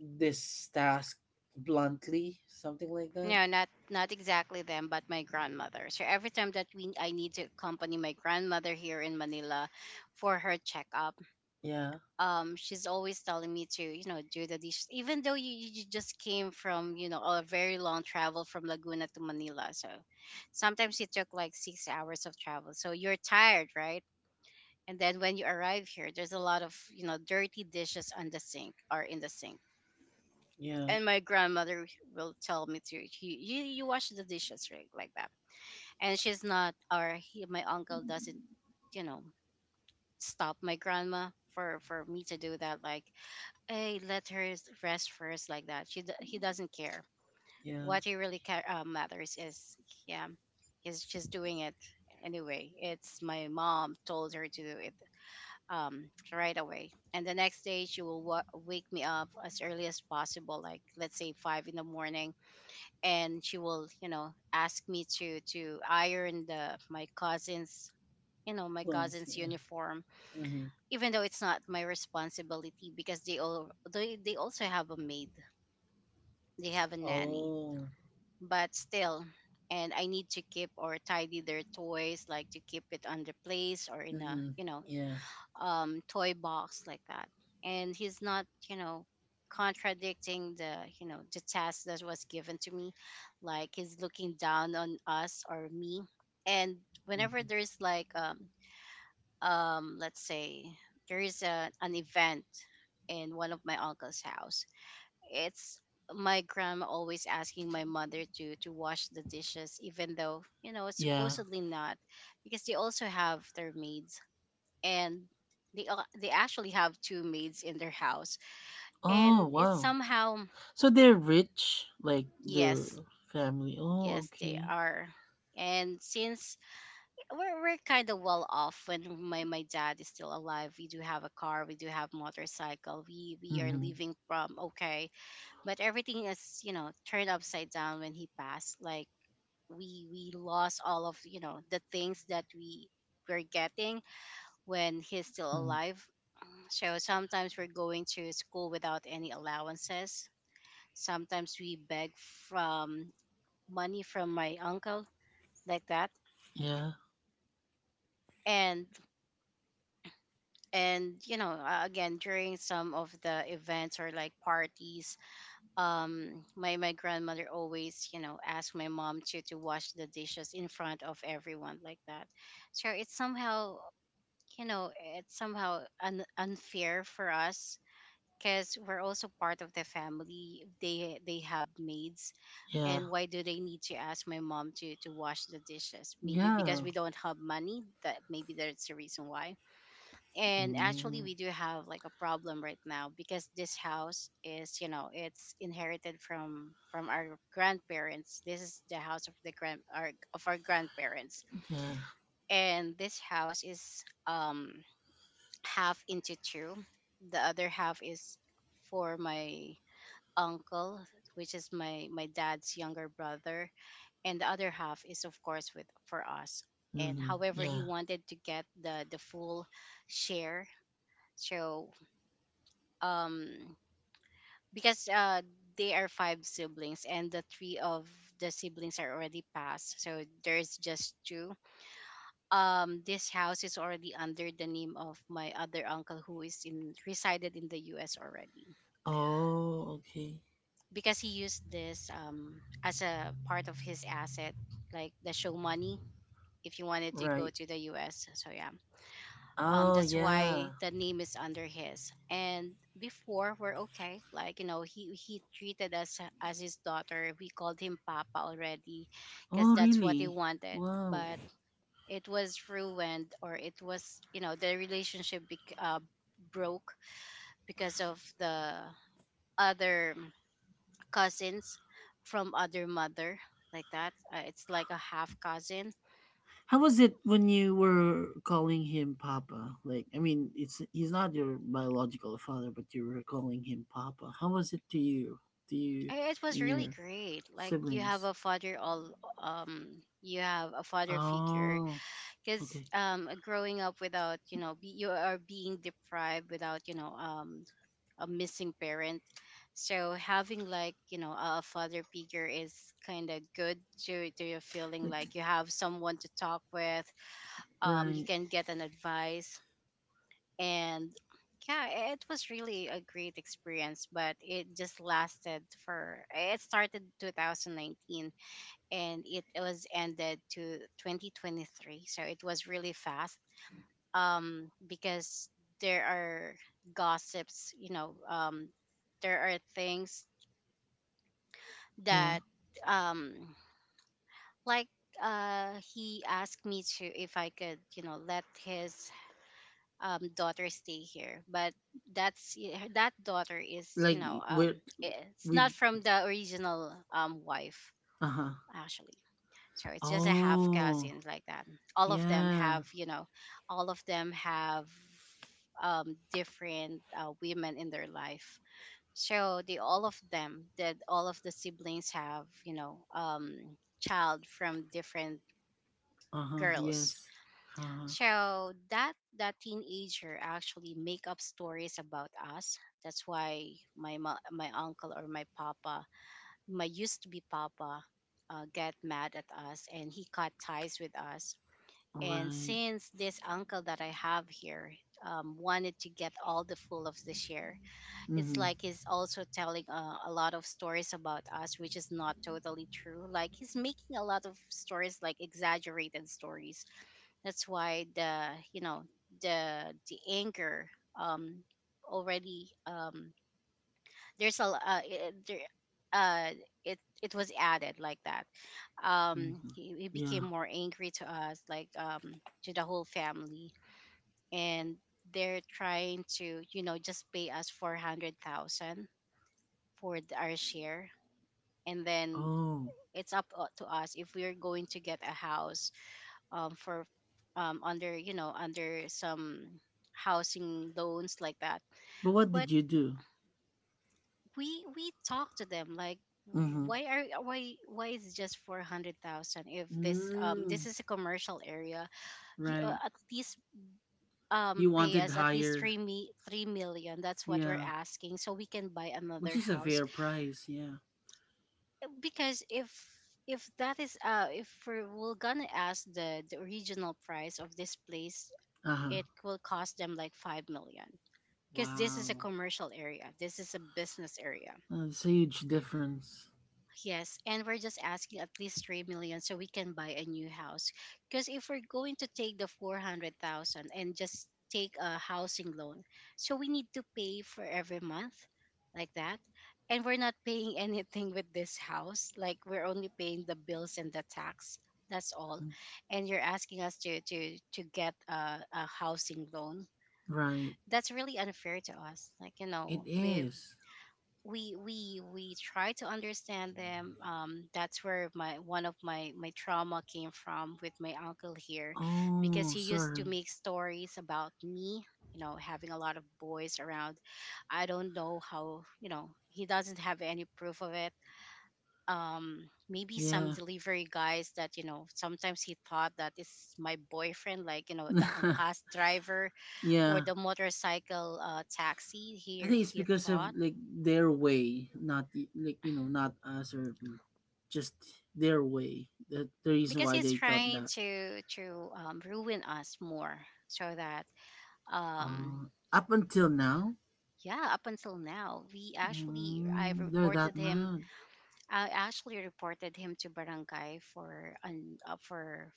this task bluntly, something like that? no, not exactly them, but my grandmother. So every time that we I need to accompany my grandmother here in Manila for her checkup, Yeah. She's always telling me to do the dishes, even though you just came from a very long travel from Laguna to Manila. So sometimes it took like 6 hours of travel, so you're tired, right? And then when you arrive here, there's a lot of dirty dishes on the sink or in the sink. Yeah. And my grandmother will tell me to you, you you wash the dishes, right, like that. And she's not, or he, my uncle doesn't you know stop my grandma for me to do that, like, I let her rest first, like that. He doesn't care. Yeah. What he really care matters is, yeah, he's just doing it anyway. It's my mom told her to do it right away. And the next day she will wake me up as early as possible, like let's say 5 in the morning, and she will ask me to iron the my cousin's you know my Bluntly. cousin's Yeah. uniform, Mhm. even though it's not my responsibility, because they also have a maid, they have a nanny, Oh. but still. And I need to keep or tidy their toys, like to keep it on the place or in a Mhm. Yeah. Toy box, like that. And he's not, contradicting the you know the task that was given to me, like he's looking down on us or me. And whenever Mhm. there's like let's say there is an event in one of my uncle's house, it's my grandma always asking my mother to wash the dishes, even though it's Yeah. supposedly not, because they also have their maids. And they actually have two maids in their house. Oh, And it's wow. somehow. So they're rich, like their Yes. family. Oh, Yes, they okay. are. And since we're kind of well off when my dad is still alive, we do have a car, we do have motorcycle, we are Mhm. living from, okay. But everything is, turned upside down when he passed. Like we lost all of the things that we were getting when he's still Mm. alive. So sometimes we're going to school without any allowances. Sometimes we beg from, money from my uncle, like that. Yeah. And and again during some of the events or like parties, my grandmother always asked my mom to wash the dishes in front of everyone, like that. So you know it's somehow unfair for us, because we're also part of the family, they have maids. Yeah. And why do they need to ask my mom to wash the dishes? Maybe because Yeah. we don't have money, that maybe that's the reason why. And actually Mm. we do have like a problem right now, because this house is you know it's inherited from our grandparents. This is the house of our grandparents. Yeah. And this house is half into two. The other half is for my uncle, which is my dad's younger brother, and the other half is, of course, with for us. And Mhm. however, he Yeah. wanted to get the full share. So, um because they are five siblings, and the three of the siblings are already passed, so there's just two. This house is already under the name of my other uncle, who is in resided in the US already, Oh, okay. because he used this as a part of his asset, like the show money, if you wanted to go Right. to the US. So, yeah, Oh, that's why yeah. the name is under his. And before we're okay, like, you know, he treated us as his daughter, we called him papa already, because Oh, that's what he really? wanted. Wow. But it was ruined, or it was, the relationship broke because of the other cousins from other mother, like that, it's like a half cousin. How was it when you were calling him Papa? Like, I mean, it's he's not your biological father, but you were calling him Papa. How was it to you It was and really your great. Like you have siblings? a father, all you have a father figure, Oh, cuz okay. Growing up without, you are being deprived without a missing parent. So having like a father figure is kind of good to your feeling, That- like you have someone to talk with. You right, can get an advice. And yeah, it was really a great experience, but it just lasted for it started 2019, and it was ended to 2023, so it was really fast. Because there are gossips, there are things yeah. that um like he asked me to if I could, let his daughter stay here. But that's that daughter is you Like know with it's not with from the original wife, uh huh. actually. So it's just a half Oh, cousin, like that. All of them yeah. have you know all of them have different, women in their life. So the all of the siblings have, child from different Uh huh. girls. Yes. Uh huh. So that teenager actually make up stories about us. That's why my my uncle, or my papa, my used to be papa, get mad at us, and he cut ties with us. And Right. since this uncle that I have here, wanted to get all the full of the share, it's Mhm. like he's also telling a lot of stories about us, which is not totally true. Like he's making a lot of stories, like exaggerated stories. That's why the, the anger, um already. There's a l- I- there, uh it it was added, like that. Um, Mhm. he, he Yeah. became more angry to us, like to the whole family. And they're trying to just pay us 400,000 for our share, and then Oh, it's up, to us, if we're going to get a house for under you know under some housing loans, like that. but what But did you do? we talk to them, like, Mhm. why are why is it just 400,000, if this Mm, is a commercial area? You, right. at least You pay wanted us at least higher. 3 me 3 million, that's what we're Yeah. asking, so we can buy Which another is a house. fair price, yeah. Because if that is, if we're gonna ask the original price of this place, Uh-huh. it will cost them like 5 million, because this is a Wow. commercial area. This is a business area. That's a huge difference. Yes, and we're just asking at least 3 million so we can buy a new house. Because if we're going to take the 400,000 and just take a housing loan, so we need to pay for every month, like that. And we're not paying anything with this house. Like, we're only paying the bills and the tax. That's all. And you're asking us to get a housing loan, Right. that's really unfair to us. Like you It know, we is. we we we try to understand them. That's where my one of my my trauma came from, with my uncle here, because Oh, he used to sorry. make stories about me, you know, having a lot of boys around. I don't know how. You know, he doesn't have any proof of it. Maybe some Yeah. delivery guys that, you know, sometimes he thought that it's my boyfriend, like, you know, the angkas driver or Yeah. the motorcycle taxi I here, think it's he because of thought, like their way, not like, you know, not us, or just their way. That the reason because why he's they thought trying that. to ruin us more, so that um Up until now, yeah, up until now, we actually I mm, they're that reported him. mad. I actually reported him to barangay for an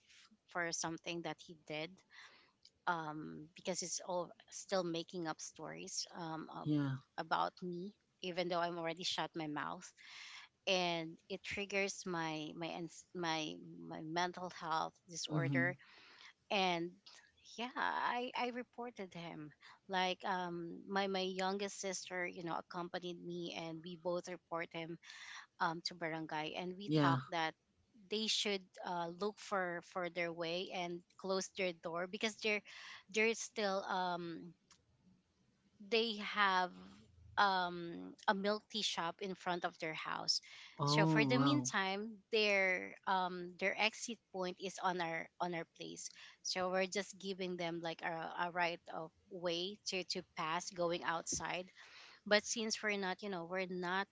for something that he did, because he's all still making up stories Yeah. about me, even though I'm already shut my mouth, and it triggers my my my mental health Mm-hmm. disorder. And yeah, I reported him. Like, my my youngest sister, you know, accompanied me, and we both report him, to barangay, and we Yeah. talked that they should look for their way and close their door, because they're still, they have, a milk tea shop in front of their house. So for Oh the wow. meantime, their exit point is on our place. So we're just giving them like a right of way to pass going outside. But since we're not, you know, we're not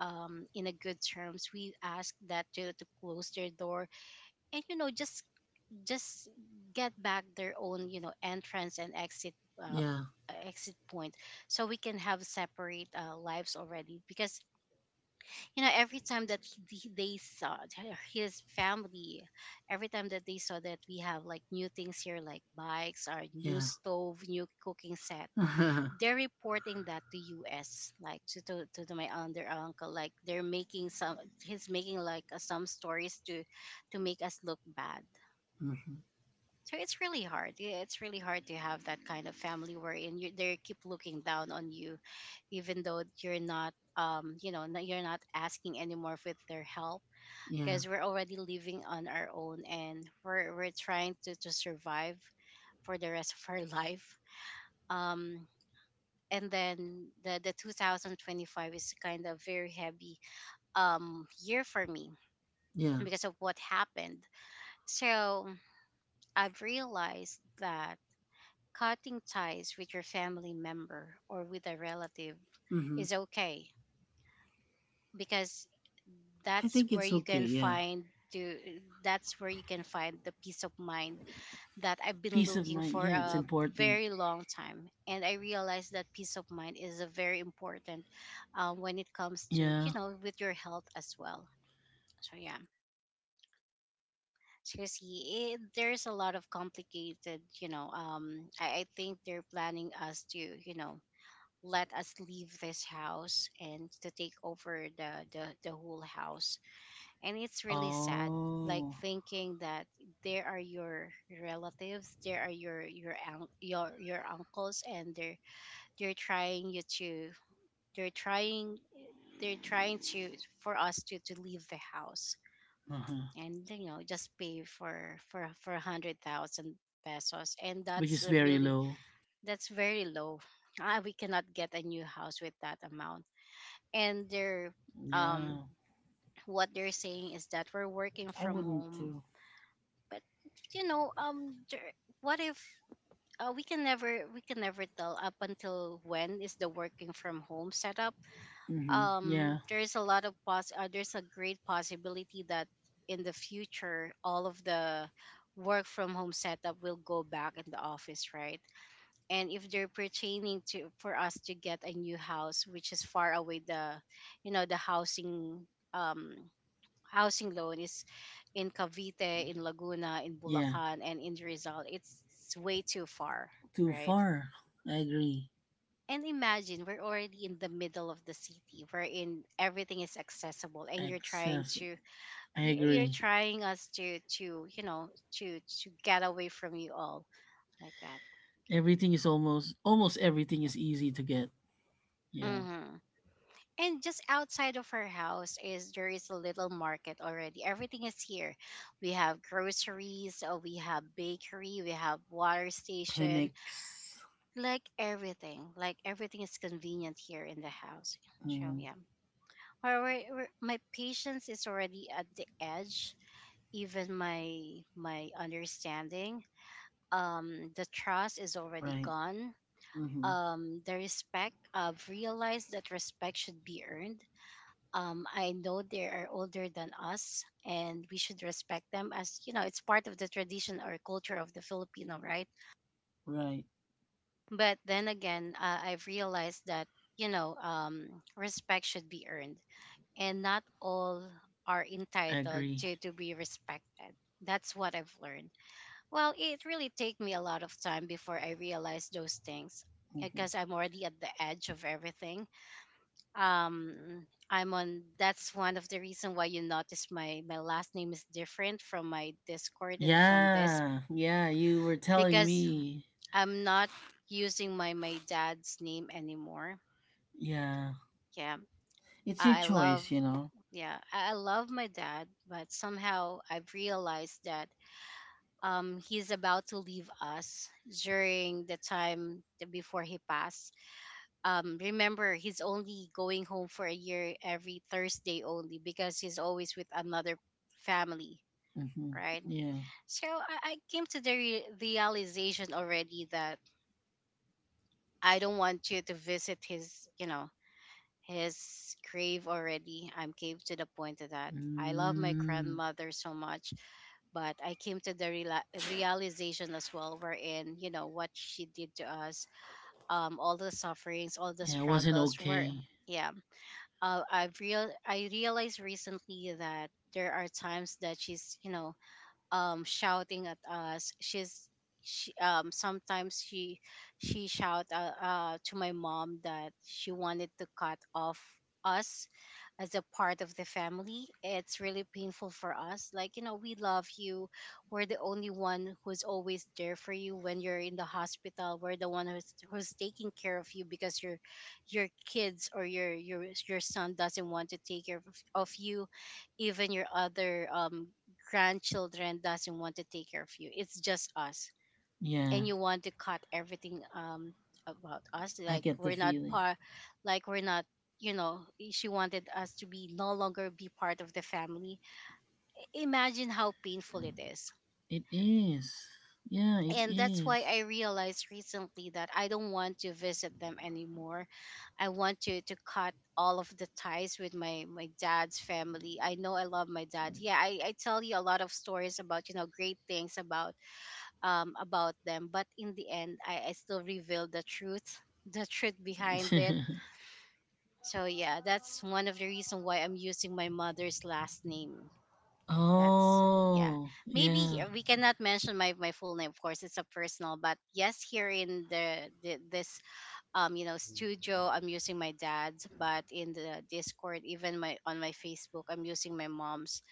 in a good terms, we ask that to close their door and, you know, just get back their own, you know, entrance and exit, uh, Yeah, exit point, so we can have separate lives already. Because, you know, every time that they saw his family, every time that they saw that we have like new things here, like bikes or new yeah. stove, new cooking set, they're reporting that to us, like to my aunt their uncle. Like they're making some, he's making like some stories to make us look bad. Hmm. So it's really hard. Yeah, it's really hard to have that kind of family, wherein you, they keep looking down on you, even though you're not, you're not asking anymore for their help, Yeah, because we're already living on our own, and we're trying to survive for the rest of our life. Um, and then the 2025 is kind of very heavy year for me, yeah. because of what happened. So I've realized that cutting ties with your family member or with a relative Hmm. is okay, because I that's think where it's you okay, can yeah. find the that's where you can find the peace of mind that I've been Peace of looking mind, for yeah, it's a important. very long time. And I realized that peace of mind is a very important, when it comes to, you Yeah. know, with your health as well. So yeah, seriously, it, there's a lot of complicated, you know, I think they're planning us to, you know, let us leave this house and to take over the whole house. And it's really sad, like Oh, thinking that there are your relatives, there are your your uncles, and they're trying you to, they're trying, they're trying to, for us to leave the house, uh-huh. and, you know, just pay for 100,000 pesos, and Which that's is a very really, low. that's very low. Ah, we cannot get a new house with that amount. And they're, um Yeah. what they're saying is that we're working I from wouldn't home. too. But, you know, what if, we can never, we can never tell up until when is the working from home setup. Hmm. Um, Yeah, there's a lot of pos there's a great possibility that in the future all of the work from home setup will go back in the office, right? And if they're pertaining to for us to get a new house which is far away, the, you know, the housing, um housing loan is in Cavite, in Laguna, in yeah. Bulacan, and in Rizal, it's way too far, Too right? far. I agree. And imagine we're already in the middle of the city, wherein everything is accessible, and you're trying Excess. to, I you're agree. trying us to, you know, to get away from you all, like that. Everything is almost, almost everything is easy to get. Yeah. Hmm. And just outside of our house is, there is a little market already. Everything is here. We have groceries, we have bakery, we have water station, Clinics. like everything. Like everything is convenient here in the house. So Mm, yeah, my patience is already at the edge. Even my my understanding, the trust is already right. gone. Hmm. The respect. I've realized that respect should be earned. I know they are older than us, and we should respect them, as, you know, it's part of the tradition or culture of the Filipino, right? Right. But then again, I've realized that, you know um, respect should be earned, and not all are I entitled agree. To be respected. That's what I've learned. Well, it really take me a lot of time before I realized those things, Mhm. because I'm already at the edge of everything. um I'm on That's one of the reason why you notice my my last name is different from my Discord and from this, Yeah, yeah, you were telling because me. I'm not using my my dad's name anymore. Yeah, Yeah, it's your I love, choice, you know. yeah, I love my dad, but somehow I've realized that, he's about to leave us. During the time before he passed, remember, he's only going home for a year, every Thursday only, because he's always with another family, Hmm. right? Yeah. So I came to realization already that I don't want you to visit his, you know, his grave already. I'm came to the point of that I love my Mm, grandmother so much, but I came to realization as well, wherein, you know, what she did to us, all the sufferings, all the yeah, it wasn't struggles were, okay. yeah, I realized recently that there are times that she's, you know, shouting at us, she's, she sometimes she shout, to my mom, that she wanted to cut off us as a part of the family. It's really painful for us, like, you know, we love you. We're the only one who's always there for you when you're in the hospital. We're the one who's taking care of you, because your kids or your your son doesn't want to take care of you. Even your other grandchildren doesn't want to take care of you. It's just us. And Yeah, you want to cut everything about us, I like get the we're not feeling. part, like we're not, you know, she wanted us to be no longer be part of the family. Imagine how painful it is. It is. Yeah, it And that's why is. I realized recently that I don't want to visit them anymore. I want to cut all of the ties with my my dad's family. I know I love my dad. Yeah, I tell you a lot of stories about, you know, great things about, about them. But in the end, I still revealed the truth, the truth behind it. So yeah, that's one of the reason why I'm using my mother's last name. That's yeah. Oh, Maybe yeah. here- we cannot mention my full name, of course. It's a personal, but yes, here in the this, studio, I'm using my dad's. But in the Discord, even my on my Facebook, I'm using my mom's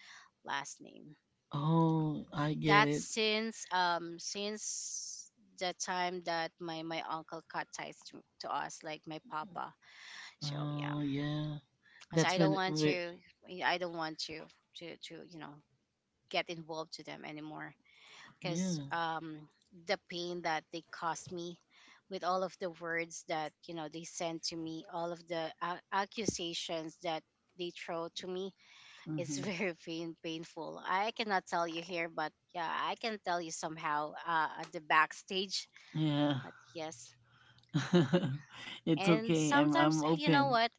last name. Oh, I get That's it. Since the time that my uncle cut ties to us, like my papa. So yeah, Oh, yeah. because That's I don't when want we. to, I don't want to, you know, get involved to them anymore. Because Yeah. The pain that they caused me, with all of the words that, you know, they sent to me, all of the accusations that they throw to me, it's Hmm. very painful. I cannot tell you here, but yeah, I can tell you somehow at the backstage. Yeah. But yes, It's and okay. I'm. sometimes, I'm you know open. what?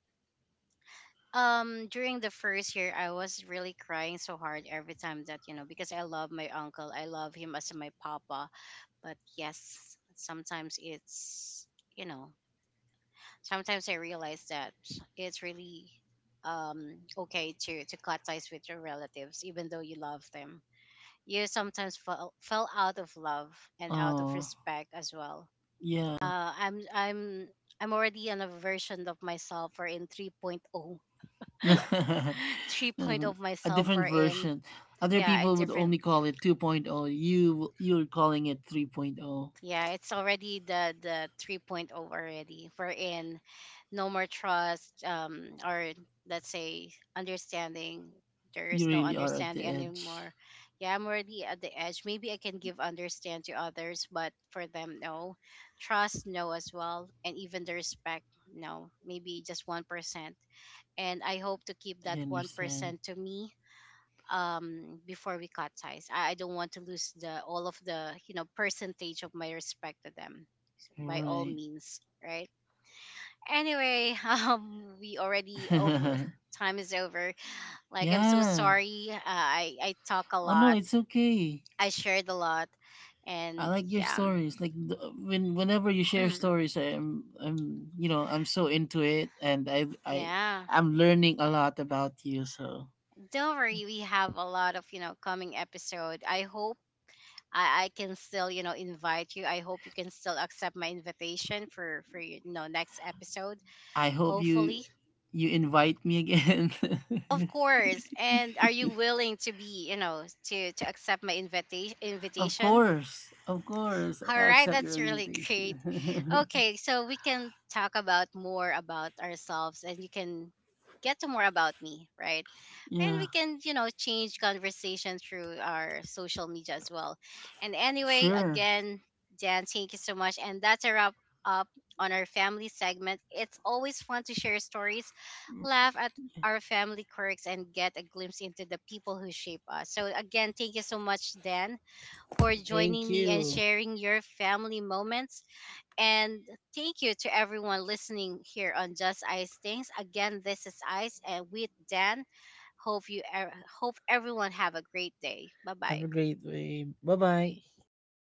During the first year, I was really crying so hard every time that, you know, because I love my uncle. I love him as my papa. But yes, sometimes it's, you know, sometimes I realize that it's really okay to cut ties with your relatives, even though you love them. You sometimes fell out of love and out of Oh, respect as well. yeah. Uh, I'm I'm I'm already on a version of myself, or in 3.0, 3.0 of A myself, or different in version. Other yeah, a people would different. only call it 2.0. You you're calling it 3.0. Yeah, it's already the 3.0 point oh already. We're in, no more trust, or, let's say, understanding. There You is no really are at the understanding edge. anymore. Yeah, I'm already at the edge. Maybe I can give understand to others, but for them, no. Trust no as well, and even the respect, no. Maybe just 1%. And I hope to keep I that understand. 1% to me, before we cut ties. I don't want to lose the all of the, you know, percentage of my respect to them, so by all Right. means, right? Anyway, we already over time is over. Like, I'm so Yeah. sorry, I talk a Oh no, lot, it's okay. I shared a lot, I and like your yeah, stories. Like the, when whenever you share mm, stories, I'm you know, I'm so into it, and yeah. I'm learning a lot about you. So Don't worry, we have a lot of, you know, coming episode. I hope I can still, you know, invite you. I hope you can still accept my invitation for, you know, next episode. I hope Hopefully. you invite me again. Of course. And are you willing to be, you know, to accept my Of invitation? course, of course. I All right, accept your that's really great. invitation. Okay, so we can talk about more about ourselves, and you can get to more about me, right? And Yeah, we can, you know, change conversation through our social media as well. And anyway, sure. again, Dan, thank you so much. And that's a wrap up on our family segment. It's always fun to share stories, laugh at our family quirks, and get a glimpse into the people who shape us. So, again, thank you so much, Dan, for Thank joining me and you. sharing your family moments. And thank you to everyone listening here on Just Ice Things. Again, this is Ice and with Dan. Hope you er- Hope everyone have a great day. Bye Have bye. a great day. Bye bye.